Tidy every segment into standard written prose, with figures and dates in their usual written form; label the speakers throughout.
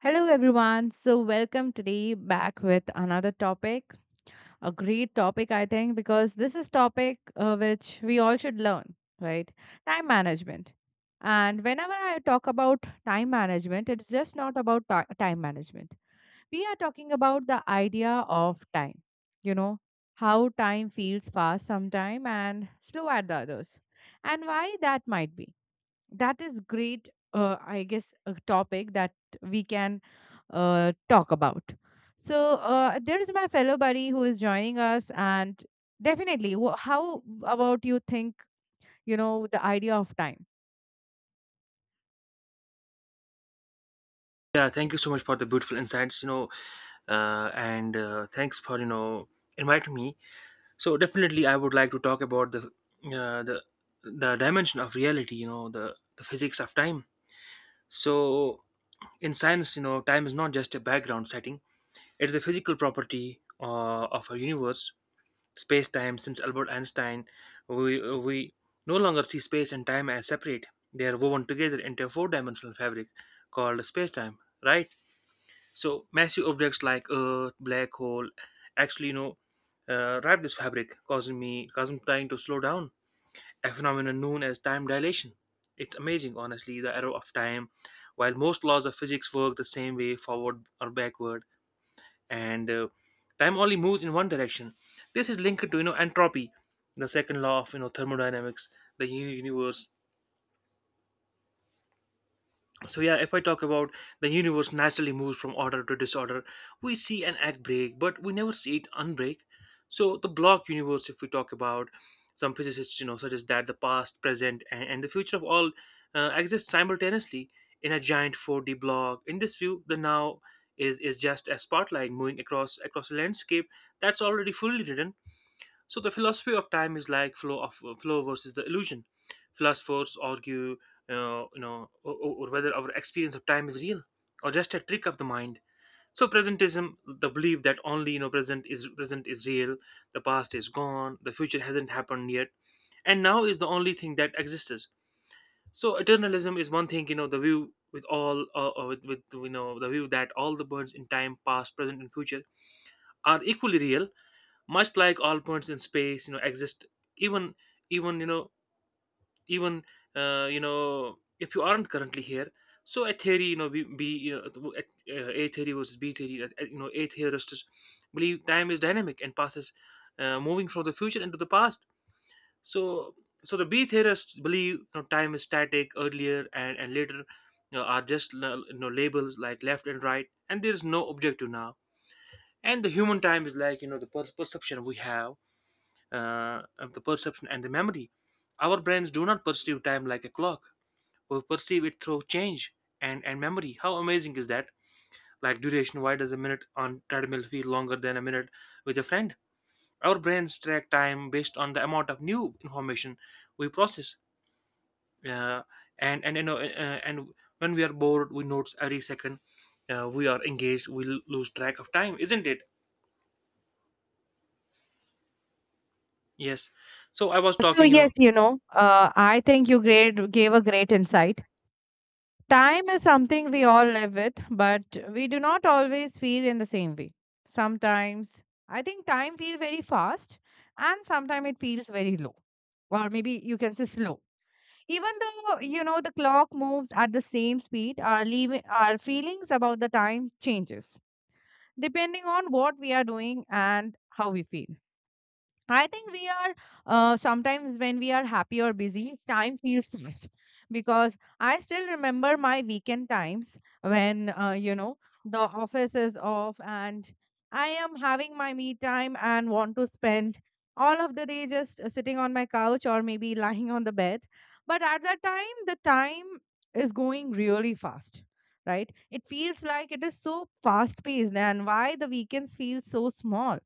Speaker 1: Hello, everyone. So, welcome today back with another topic. A great topic, I think, because this is topic which we all should learn, right? Time management. And whenever I talk about time management, it's just not about time management. We are talking about the idea of time. You know how time feels fast sometime and slow at the others, and why that might be that is great, I guess, a topic that we can talk about. So there is my fellow buddy who is joining us, and definitely how about you think, you know, the idea of time.
Speaker 2: Yeah, thank you so much for the beautiful insights, you know, and thanks for inviting me. So definitely, I would like to talk about uh, the the dimension of reality, you know, the physics of time. So in science, you know, time is not just a background setting; it is a physical property of our universe, space time. Since Albert Einstein, we no longer see space and time as separate; they are woven together into a four-dimensional fabric called space time, right? So massive objects like Earth, black hole, actually, you know, wrap this fabric, causing time to slow down. A phenomenon known as time dilation. It's amazing, honestly, the arrow of time. While most laws of physics work the same way, forward or backward, and time only moves in one direction. This is linked to entropy, the second law of thermodynamics. Universe, if I talk about the universe, naturally moves from order to disorder. We see an act break, but we never see it unbreak. So the block universe, if we talk about, some physicists suggest that the past, present, and the future of all exist simultaneously in a giant 4D block. In this view, the now is just a spotlight moving across a landscape that's already fully written. So the philosophy of time is like flow versus the illusion. Philosophers argue, or whether our experience of time is real or just a trick of the mind. So presentism, the belief that only present is real, the past is gone, the future hasn't happened yet, and now is the only thing that exists. So eternalism is one thing, you know, the view with all, with the view that all the birds in time, past, present, and future are equally real, much like all points in space exist, even even you know even you know, if you aren't currently here. So a theory you know b, b you know, a theory versus b theory you know, a theorists believe time is dynamic and passes, moving from the future into the past. So so the b theorists believe, you know, time is static. Earlier and later, you know, are just labels like left and right, and there is no objective now. And the human time is like, you know, perception we have, of the perception and the memory. Our brains do not perceive time like a clock. We perceive it through change and memory. How amazing is that? Like duration, why does a minute on treadmill feel longer than a minute with a friend? Our brains track time based on the amount of new information we process. Uh, and you know and When we are bored, we notice every second. We are engaged. We lose track of time, isn't it? Yes. So I was
Speaker 1: So
Speaker 2: talking.
Speaker 1: yes, you know, I think you gave a great insight. Time is something we all live with, but we do not always feel in the same way. Sometimes I think time feels very fast, and sometimes it feels very low, or maybe you can say slow. Even though you know the clock moves at the same speed, our our feelings about the time changes depending on what we are doing and how we feel. I think we are, sometimes when we are happy or busy, time feels fast, because I still remember my weekend times when, you know, the office is off and I am having my me time and want to spend all of the day just sitting on my couch or maybe lying on the bed. But at that time, the time is going really fast, right? It feels like it is so fast paced, and why the weekends feel so small.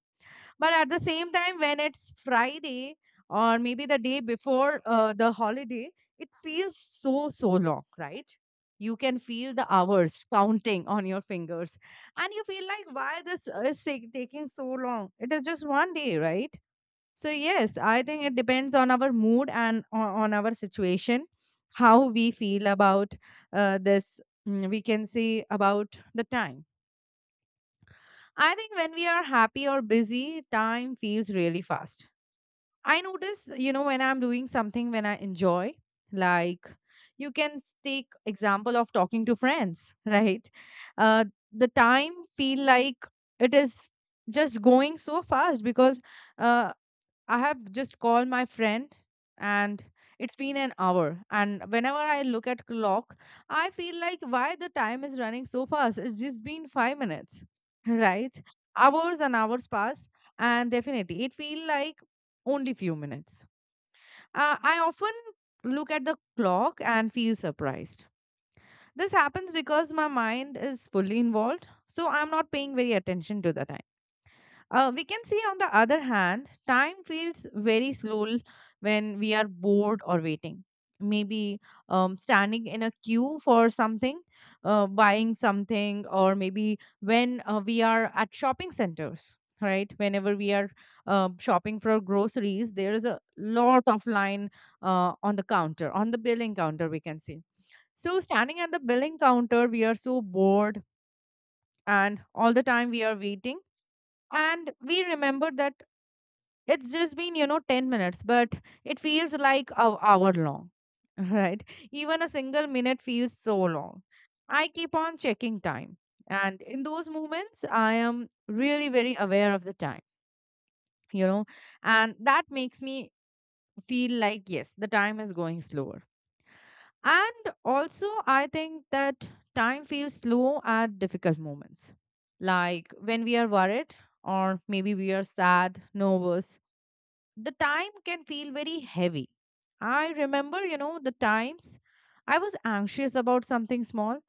Speaker 1: But at the same time, when it's Friday or maybe the day before the holiday, it feels so, so long, right? You can feel the hours counting on your fingers. And you feel like, why this is taking so long? It is just one day, right? So, yes, I think it depends on our mood and on our situation, how we feel about this. We can say about the time. I think when we are happy or busy, time feels really fast. I notice, you know, when I'm doing something when I enjoy, like, you can take example of talking to friends, right? Uh, the time feel like it is just going so fast because, uh, I have just called my friend, and it's been an hour, and whenever I look at clock I feel like why the time is running so fast. It's just been 5 minutes, right? Hours and hours pass, and definitely it feel like only few minutes. I often look at the clock and feel surprised. This happens because my mind is fully involved, so I'm not paying very attention to the time. We can see, on the other hand, time feels very slow when we are bored or waiting. Maybe standing in a queue for something, buying something, or maybe when we are at shopping centers, right? Whenever we are shopping for groceries, there is a lot of line on the counter, on the billing counter, we can see. So, standing at the billing counter, we are so bored, and all the time we are waiting. And we remember that it's just been, you know, 10 minutes, but it feels like an hour long, right? Even a single minute feels so long. I keep on checking time. And in those moments, I am really very aware of the time, you know, and that makes me feel like, yes, the time is going slower. And also, I think that time feels slow at difficult moments, like when we are worried or maybe we are sad, nervous. The time can feel very heavy. I remember, you know, the times I was anxious about something small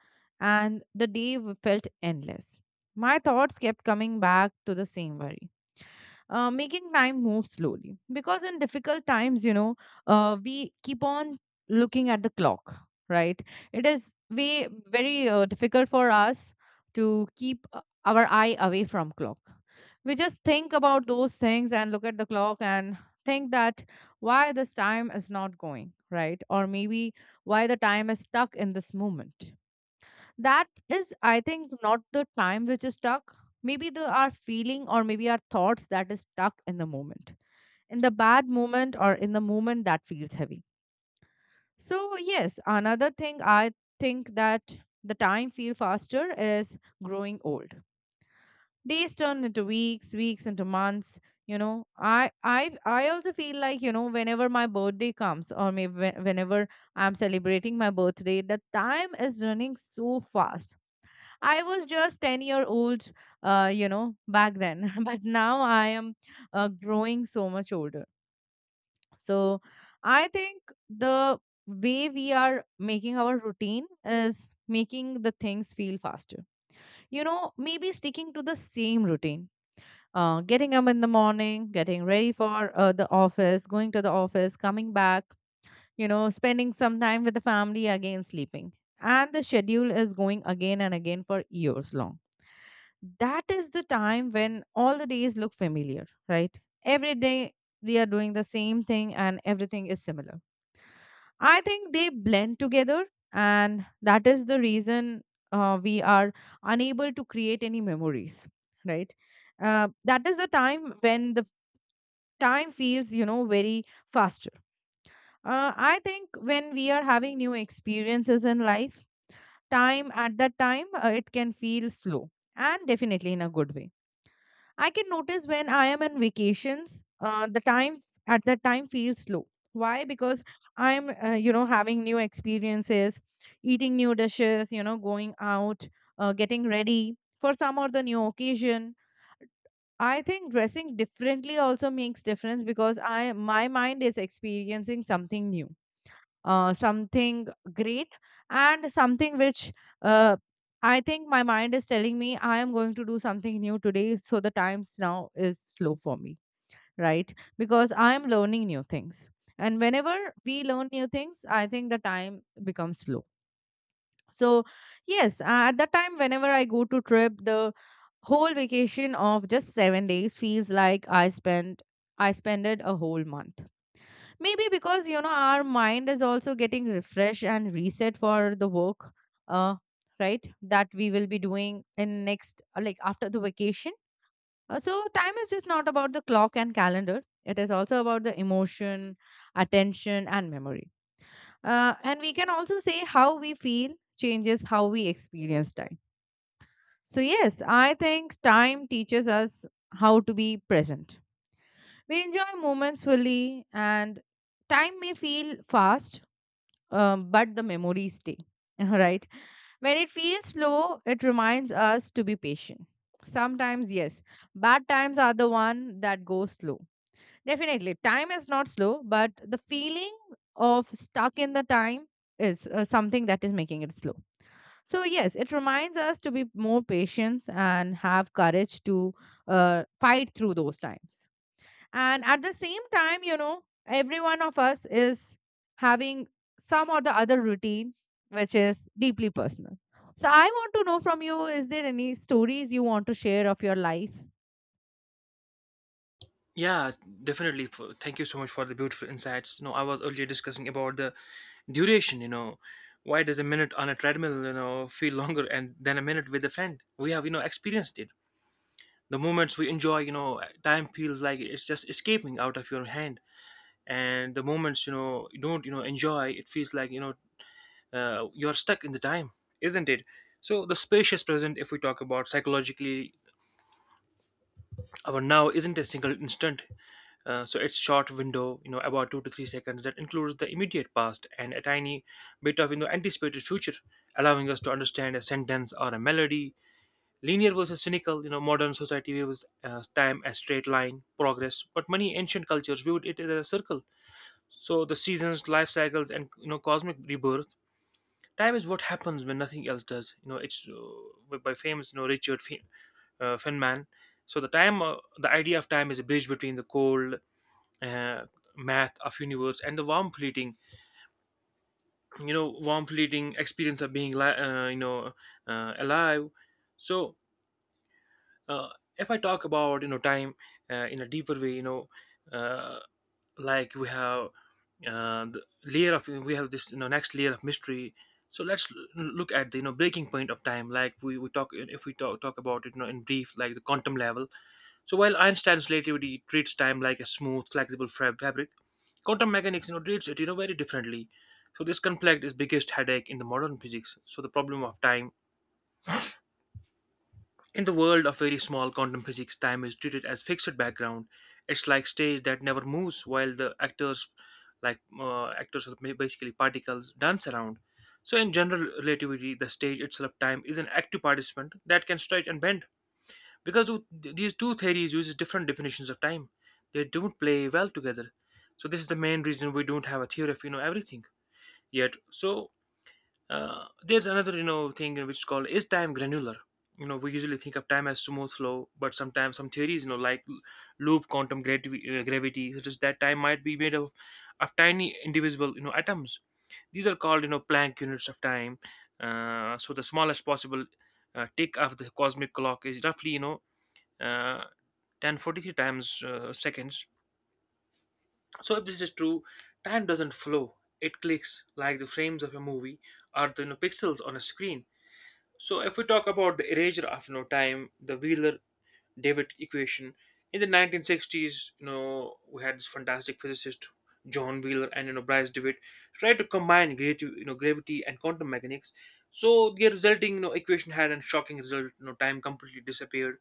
Speaker 1: and the day felt endless. My thoughts kept coming back to the same worry, making time move slowly. Because in difficult times, you know, we keep on looking at the clock, right? It is way very difficult for us to keep our eye away from clock. We just think about those things and look at the clock and think that why this time is not going right, or maybe why the time is stuck in this moment. That is, I think, not the time which is stuck. Maybe the our feeling, or maybe our thoughts, that is stuck in the moment, in the bad moment, or in the moment that feels heavy. So yes, another thing I think, that the time feel faster, is growing old. Days turn into weeks, weeks into months. You know, I also feel like, you know, whenever my birthday comes, or maybe whenever I'm celebrating my birthday, the time is running so fast. I was just 10-year-old, you know, back then. But now I am growing so much older. So I think the way we are making our routine is making the things feel faster. You know, maybe sticking to the same routine. Getting up in the morning, getting ready for the office, going to the office, coming back, you know, spending some time with the family, again sleeping. And the schedule is going again and again for years long. That is the time when all the days look familiar, right? Every day we are doing the same thing and everything is similar. I think they blend together, and that is the reason we are unable to create any memories, right? That is the time when the time feels, you know, very faster. I think when we are having new experiences in life, time at that time, it can feel slow, and definitely in a good way. I can notice when I am on vacations, the time at that time feels slow. Why? Because I'm, you know, having new experiences, eating new dishes, you know, going out, getting ready for some or the new occasion. I think dressing differently also makes difference, because I my mind is experiencing something new, something great, and something which, uh, I think my mind is telling me I am going to do something new today. So the times now is slow for me, right? Because I am learning new things. And whenever we learn new things, I think the time becomes slow. So, yes, at that time, whenever I go to trip, the whole vacation of just 7 days feels like I spent it a whole month. Maybe because, you know, our mind is also getting refreshed and reset for the work, uh right, that we will be doing in next, like after the vacation. So time is just not about the clock and calendar. It is also about the emotion, attention and memory, and we can also say how we feel changes how we experience time. So yes, I think time teaches us how to be present. We enjoy moments fully, and time may feel fast, but the memories stay, right? When it feels slow, it reminds us to be patient. Sometimes, yes, bad times are the one that goes slow. Definitely, time is not slow, but the feeling of stuck in the time is something that is making it slow. So, yes, it reminds us to be more patient and have courage to fight through those times. And at the same time, you know, every one of us is having some or the other routine, which is deeply personal. So I want to know from you, is there any stories you want to share of your life?
Speaker 2: Yeah, definitely. Thank you so much for the beautiful insights. You know, I was earlier discussing about the duration. You know, why does a minute on a treadmill, you know, feel longer and than a minute with a friend? We have, you know, experienced it. The moments we enjoy, you know, time feels like it's just escaping out of your hand, and the moments you don't, you know, enjoy, it feels like you're stuck in the time, isn't it? So the spacious present, if we talk about psychologically, our now isn't a single instant. So it's short window, you know, about 2 to 3 seconds that includes the immediate past and a tiny bit of anticipated future, allowing us to understand a sentence or a melody. Linear versus cynical, you know, modern society views time as straight line progress, but many ancient cultures viewed it as a circle. So the seasons, life cycles, and, you know, cosmic rebirth. Time is what happens when nothing else does. You know, it's by famous, you know, Richard Feynman. So the idea of time is a bridge between the cold uh, math of universe and the warm fleeting experience of being alive. so uh, if I talk about, you know, time, in a deeper way, uh, like we have this, you know, next layer of mystery. So let's look at the, you know, breaking point of time. Like we talk if we talk, talk about it, you know, in brief, like the quantum level. So while Einstein's relativity treats time like a smooth, flexible fabric, quantum mechanics, you know, treats it, you know, very differently. So this conflict is biggest headache in the modern physics. So the problem of time, in the world of very small quantum physics, time is treated as fixed background. It's like stage that never moves, while the actors, actors are basically particles, dance around. So in general relativity, the stage itself, time is an active participant that can stretch and bend. Because these two theories uses different definitions of time, they don't play well together. So this is the main reason we don't have a theory of, you know, everything yet. So there's another, you know, thing which is called is time granular. You know, we usually think of time as smooth flow, but sometimes some theories, you know, like loop quantum gravity, suggest that time might be of tiny indivisible, you know, atoms. These are called, you know, planck units of time. So the smallest possible tick of the cosmic clock is roughly, you know, uh, 1043 times seconds. So if this is true, time doesn't flow. It clicks like the frames of a movie or the, you know, pixels on a screen. So if we talk about the erasure of, you know, time, the Wheeler-David equation, in the 1960s, you know, we had this fantastic physicist John Wheeler and, you know, Bryce DeWitt tried to combine gravity, you know, gravity and quantum mechanics. So the resulting, you know, equation had a shocking result. You know, time completely disappeared.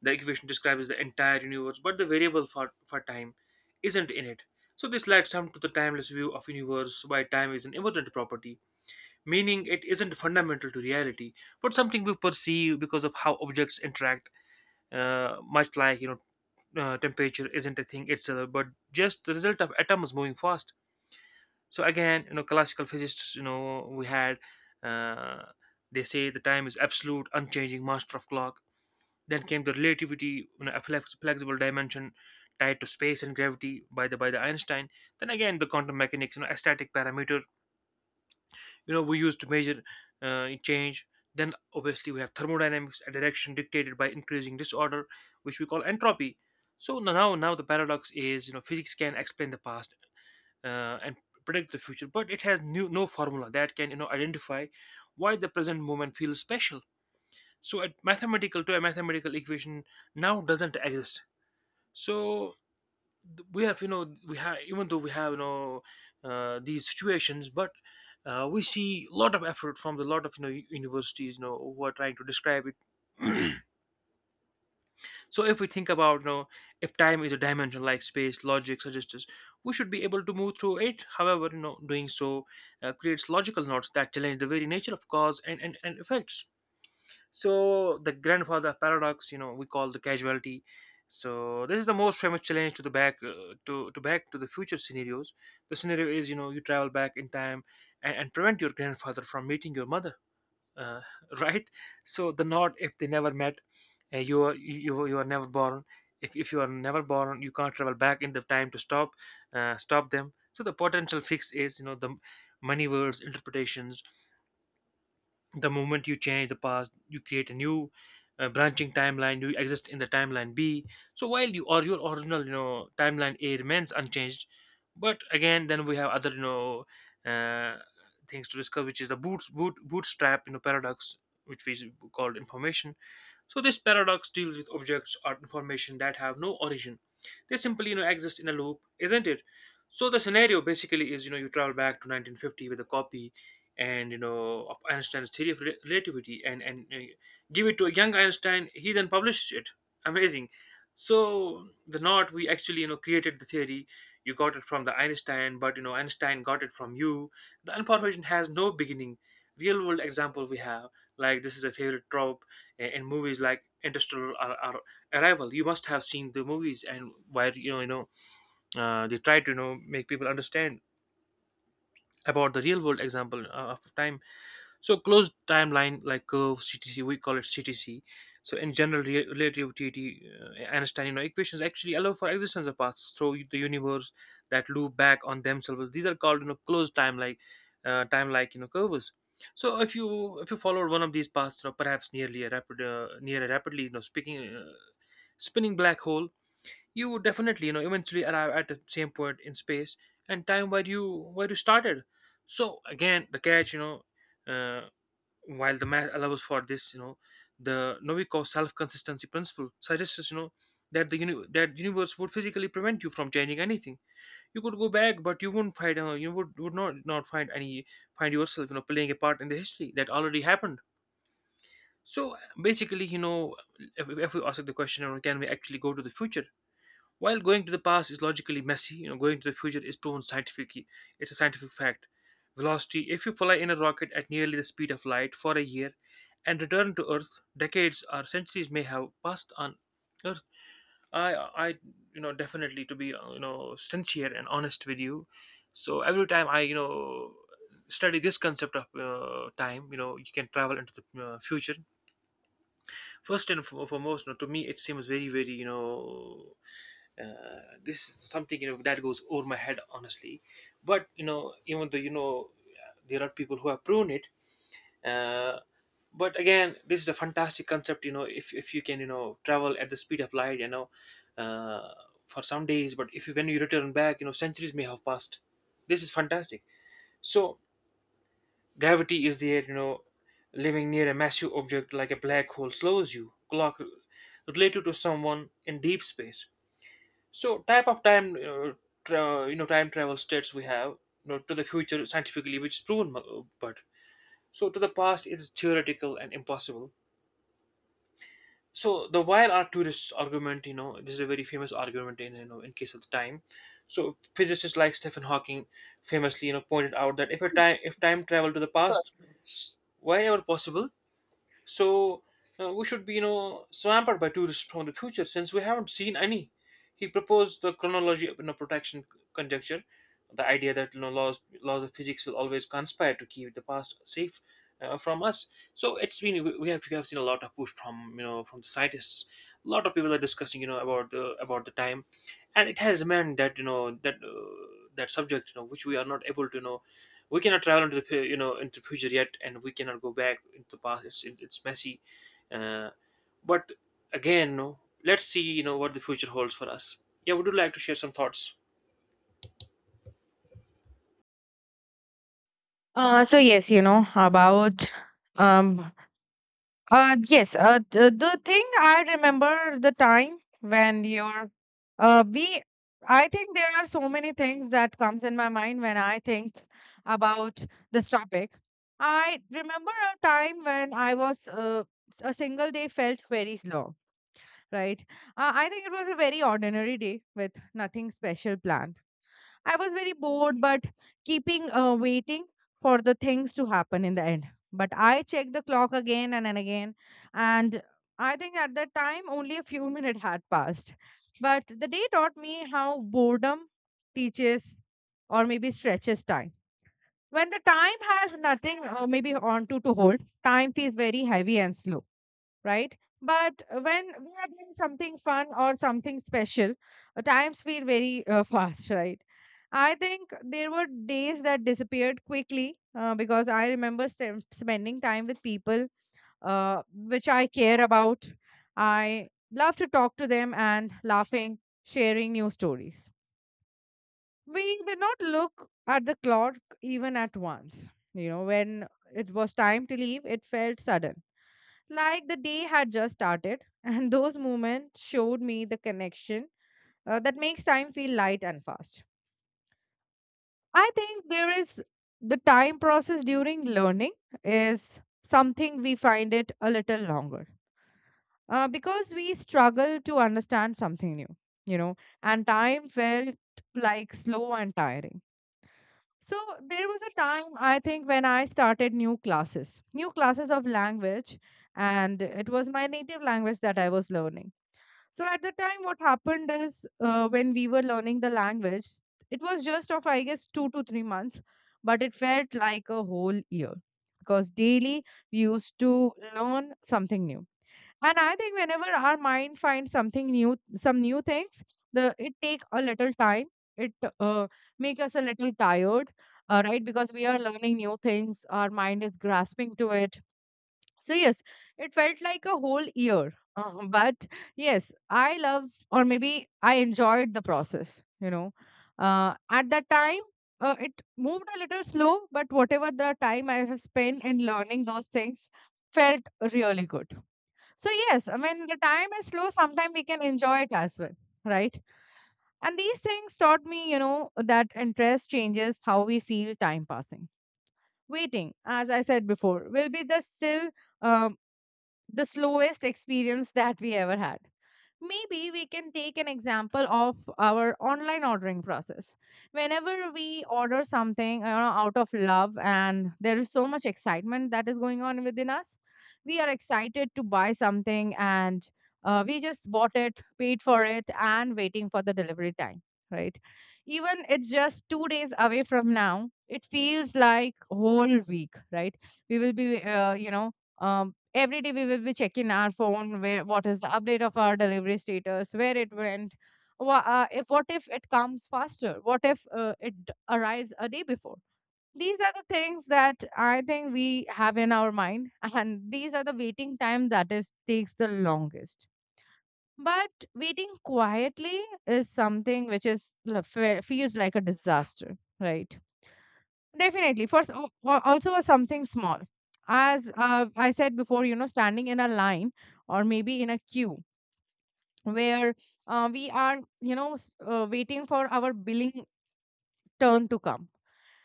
Speaker 2: The equation describes the entire universe, but the variable for time isn't in it. So this led some to the timeless view of universe, where time is an emergent property, meaning it isn't fundamental to reality, but something we perceive because of how objects interact, much like, temperature isn't a thing itself, but just the result of atoms moving fast. So again, you know, classical physicists, you know, we had, uh, they say the time is absolute, unchanging master of clock. Then came the relativity, you know, a flexible dimension tied to space and gravity by the Einstein. Then again the quantum mechanics, you know, a static parameter, you know, we use to measure change. Then obviously we have thermodynamics, a direction dictated by increasing disorder, which we call entropy. So now the paradox is, you know, physics can explain the past and predict the future, but it has new, no formula that can, you know, identify why the present moment feels special. So a mathematical equation now doesn't exist. So we have, even though we have, these situations, but we see a lot of effort from the lot of, you know, universities, you know, who are trying to describe it. So if we think about, you know, if time is a dimension like space logic suggests, we should be able to move through it. However, you know, doing so creates logical knots that challenge the very nature of cause and effects. So the grandfather paradox, you know, we call the casualty. So this is the most famous challenge to the back to back to the future scenarios. The scenario is, you know, you travel back in time and prevent your grandfather from meeting your mother, uh, right? So the not, if they never met, you are never born. If you are never born, you can't travel back in the time to stop them. So the potential fix is the money words interpretations. The moment you change the past you create a new branching timeline. You exist in the timeline B, so while you or your original timeline A remains unchanged. But again, then we have other uh, things to discuss, which is the bootstrap paradox, which we called information. So this paradox deals with objects or information that have no origin. They simply exist in a loop, isn't it? So the scenario basically is you travel back to 1950 with a copy and of Einstein's theory of relativity, and give it to a young Einstein. He then publishes it. Amazing. So the not we actually created the theory. You got it from the Einstein, but Einstein got it from you. The information has no beginning. Real world example we have, like this is a favorite trope in movies like Interstellar or Arrival. You must have seen the movies. And where they try to make people understand about the real world example of time. So closed timeline like curve CTC, we call it CTC. So in general relativity, Einsteinian equations actually allow for existence of paths through the universe that loop back on themselves. These are called closed time like curves. So if you follow one of these paths, you know, perhaps near a rapidly speaking spinning black hole, you would definitely eventually arrive at the same point in space and time where you started. So again, the catch uh, while the math allows for this, the Novikov self-consistency principle suggests that universe would physically prevent you from changing anything. You could go back, but you wouldn't find you would not find any find yourself playing a part in the history that already happened. So basically, if we ask the question, can we actually go to the future? While going to the past is logically messy, going to the future is proven scientifically. It's a scientific fact. Velocity, if you fly in a rocket at nearly the speed of light for a year and return to Earth, decades or centuries may have passed on Earth. I, definitely to be, sincere and honest with you. So every time I study this concept of time, you can travel into the future. First and foremost, to me it seems very, very, this is something that goes over my head, honestly. But even though there are people who have proven it, uh, but again, this is a fantastic concept. If you can travel at the speed of lightuh, for some days, but if you when you return back, centuries may have passed. This is fantastic. So gravity is there, living near a massive object like a black hole slows you. Clock related to someone in deep space. So type of time travel states we have, to the future scientifically, which is proven, but so to the past it is theoretical and impossible. So the while Arcturus argument, this is a very famous argument in, in case of the time. So physicists like Stephen Hawking famously, pointed out that if time travel to the past, whenever possible. So we should be, swamped by tourists from the future, since we haven't seen any. He proposed the chronology of, protection conjecture, the idea that laws of physics will always conspire to keep the past safe from us. So it's been we have seen a lot of push from, from the scientists. A lot of people are discussing, about the time, and it has meant that that subject which we are not able to, we cannot travel into the, into the future yet, and we cannot go back into the past. It's it's messy, uh, but again. No, let's see what the future holds for us. Yeah, would you like to share some thoughts?
Speaker 1: So yes, you know about um yes, the thing I remember the time when you're, we, I think there are so many things that comes in my mind when I think about this topic. I remember a time when I was, a single day felt very slow, right? I think it was a very ordinary day with nothing special planned. I was very bored, but keeping, waiting for the things to happen in the end. But I checked the clock again, and again, and I think at that time only a few minutes had passed. But the day taught me how boredom teaches, or maybe stretches, time. When the time has nothing, maybe on to hold, time feels very heavy and slow, right? But when we are doing something fun or something special, times feel very, fast, right? I think there were days that disappeared quickly, because I remember spending time with people which I care about. I love to talk to them and laughing, sharing new stories. We did not look at the clock even at once. You know, when it was time to leave, it felt sudden, like the day had just started. And those moments showed me the connection that makes time feel light and fast. I think there is the time process during learning is something we find it a little longer, because we struggle to understand something new, you know, and time felt like slow and tiring. So there was a time I think when I started new classes of language, and it was my native language that I was learning. So at the time, what happened is, when we were learning the language, it was just of I guess 2 to 3 months, but it felt like a whole year because daily we used to learn something new. And I think whenever our mind finds something new, some new things, the it take a little time. It uh, make us a little tired, right? Because we are learning new things, our mind is grasping to it. So yes, it felt like a whole year. But yes, I love or maybe I enjoyed the process. At that time, it moved a little slow, but whatever the time I have spent in learning those things felt really good. So yes, I mean the time is slow. Sometimes we can enjoy it as well, right? And these things taught me, you know, that interest changes how we feel time passing. Waiting, as I said before, will be the still, um, the slowest experience that we ever had. Maybe we can take an example of our online ordering process. Whenever we order something, you know, out of love, and there is so much excitement that is going on within us, we are excited to buy something and we just bought it, paid for it, and waiting for the delivery time, right? Even it's just 2 days away from now, it feels like whole week, right? We will be, you know, um, every day we will be checking our phone where what is the update of our delivery status, where it went. If, what if it comes faster? What if it arrives a day before? These are the things that I think we have in our mind, and these are the waiting time that is takes the longest. But waiting quietly is something which is feels like a disaster, right? Definitely. First, also something small. As I said before, you know, standing in a line or maybe in a queue where we are, you know, waiting for our billing turn to come.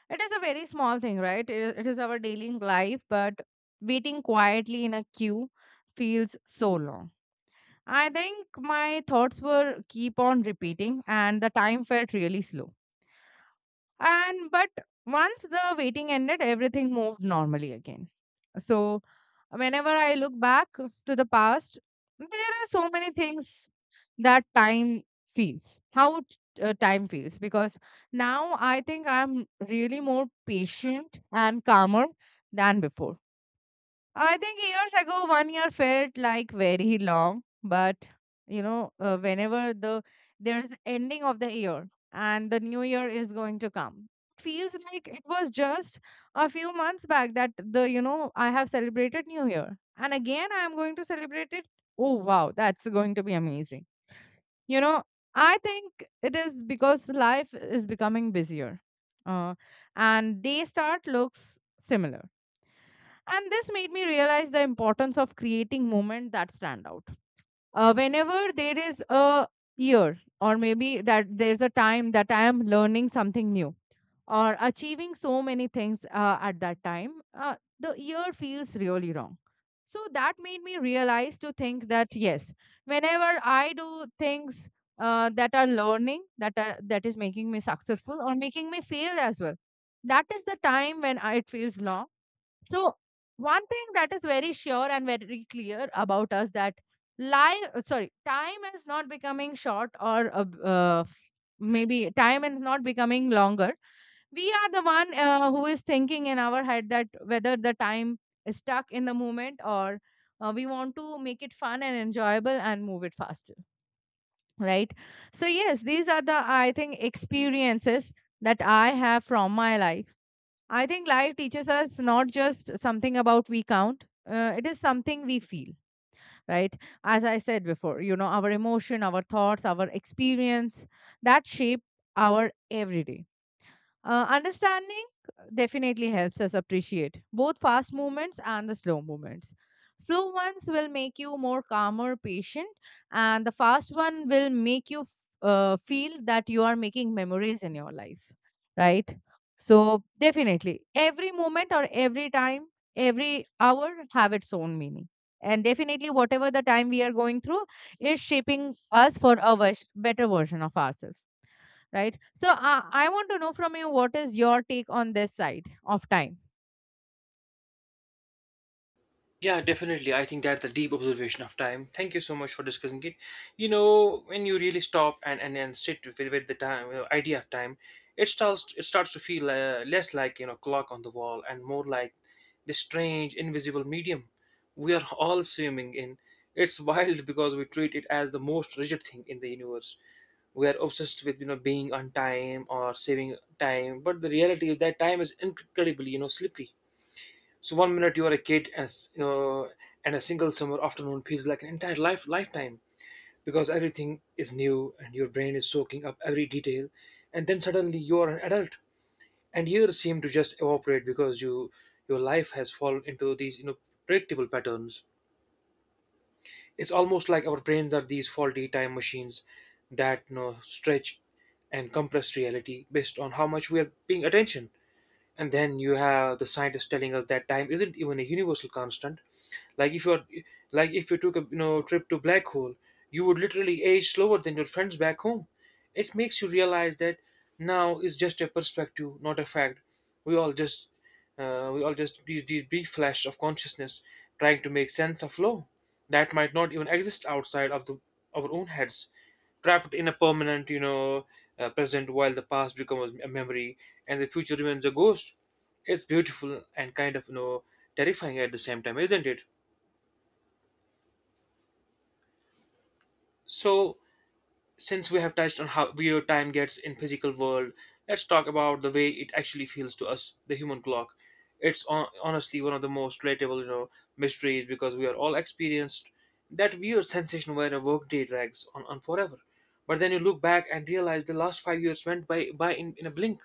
Speaker 1: It is a very small thing, right? It is our daily life, but waiting quietly in a queue feels so long. I think my thoughts were keep on repeating, and the time felt really slow. And but once the waiting ended, everything moved normally again. So whenever I look back to the past, there are so many things that time feels, time feels, because now I think I'm really more patient and calmer than before. I think years ago, one year felt like very long, but you know, whenever there's ending of the year and the new year is going to come, it feels like it was just a few months back that the you know I have celebrated New Year, and again I am going to celebrate it. Oh wow, that's going to be amazing. You know, I think it is because life is becoming busier, uh, and day start looks similar, and this made me realize the importance of creating moments that stand out. Whenever there is a year or maybe that there's a time that I am learning something new or achieving so many things, at that time, the year feels really wrong. So that made me realize to think that yes, whenever I do things, that are learning that is making me successful or making me fail as well, that is the time when it feels long. So one thing that is very sure and very clear about us that life, sorry, time is not becoming short or maybe time is not becoming longer. We are the one who is thinking in our head that whether the time is stuck in the moment or, we want to make it fun and enjoyable and move it faster, right? So yes, these are the I think experiences that I have from my life. I think life teaches us not just something about we count, it is something we feel, right? As I said before, you know, our emotion, our thoughts, our experience that shape our everyday. Understanding definitely helps us appreciate both fast movements and the slow movements. Slow ones will make you more calmer, patient, and the fast one will make you, feel that you are making memories in your life, right? So, definitely, every moment or every time, every hour have its own meaning. And definitely, whatever the time we are going through is shaping us for a better version of ourselves, right? So I want to know from you, what is your take on this side of time?
Speaker 2: Yeah, definitely. I think that's a deep observation of time. Thank you so much for discussing it. When you really stop and sit with the time idea of time, it starts to feel less like, clock on the wall, and more like this strange invisible medium we are all swimming in. It's wild because we treat it as the most rigid thing in the universe. We are obsessed with being on time or saving time, but the reality is that time is incredibly slippery. So one minute you are a kid, as you know, and a single summer afternoon feels like an entire lifetime because everything is new and your brain is soaking up every detail, and then suddenly you are an adult, and years seem to just evaporate because your life has fallen into these predictable patterns. It's almost like our brains are these faulty time machines that stretch and compress reality based on how much we are paying attention. And then you have the scientists telling us that time isn't even a universal constant. Like if you're like if you took a trip to black hole, you would literally age slower than your friends back home. It makes you realize that now is just a perspective, not a fact. We all just we all just these brief flash of consciousness, trying to make sense of law that might not even exist outside of the our own heads, trapped in a permanent, present, while the past becomes a memory and the future remains a ghost. It's beautiful and kind of, terrifying at the same time, isn't it? So, since we have touched on how video time gets in physical world, let's talk about the way it actually feels to us, the human clock. It's honestly one of the most relatable, mysteries, because we are all experienced that weird sensation where a workday drags on forever. But then you look back and realize the last 5 years went by in a blink.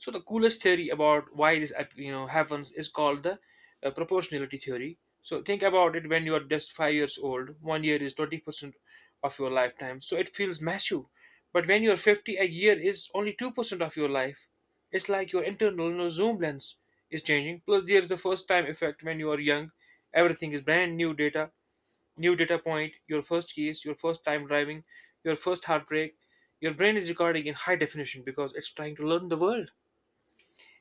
Speaker 2: So the coolest theory about why this happens is called the proportionality theory. So think about it: when you are just 5 years old, one year is 20% of your lifetime, so it feels massive. But when you are 50, a year is only 2% of your life. It's like your internal, zoom lens is changing. Plus, there's the first time effect when you are young. Everything is brand new data point. Your first kiss, your first time driving, your first heartbreak. Your brain is recording in high definition because it's trying to learn the world.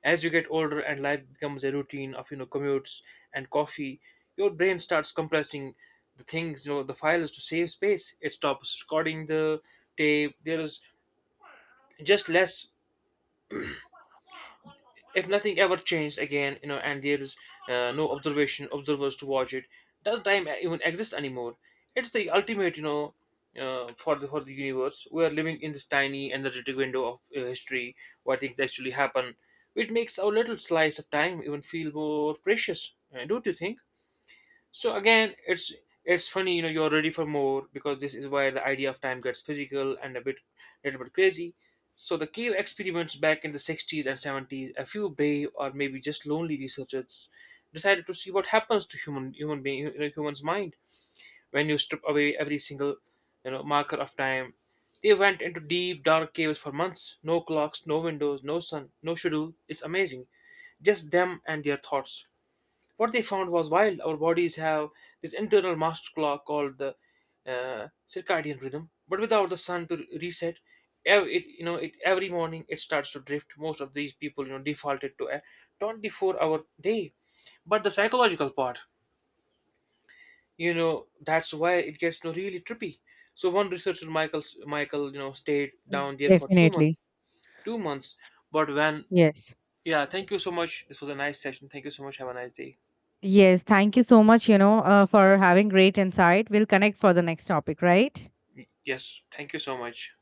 Speaker 2: As you get older and life becomes a routine of, commutes and coffee, your brain starts compressing the things, you know, the files to save space. It stops recording the tape. There is just less. If nothing ever changed again, and there is no observation observers to watch it, does time even exist anymore? It's the ultimate, for the universe. We are living in this tiny energetic window of history where things actually happen, which makes our little slice of time even feel more precious. Don't you think? So again, it's funny, you're ready for more, because this is where the idea of time gets physical and a bit little bit crazy. So the cave experiments back in the 60s and 70s, a few brave or maybe just lonely researchers decided to see what happens to human's mind when you strip away every single marker of time. They went into deep dark caves for months: no clocks, no windows, no sun, no schedule. It's amazing. Just them and their thoughts. What they found was while our bodies have this internal master clock called the circadian rhythm, but without the sun to reset, ev- it you know it every morning it starts to drift. Most of these people defaulted to a 24-hour day. But the psychological part, that's why it gets, really trippy. So one researcher, Michael, stayed down there for 2 months.
Speaker 1: Definitely.
Speaker 2: 2 months. But when
Speaker 1: Yes.
Speaker 2: Yeah, thank you so much. This was a nice session. Thank you so much. Have a nice day.
Speaker 1: Yes, thank you so much, you know, for having great insight. We'll connect for the next topic, right?
Speaker 2: Yes, thank you so much.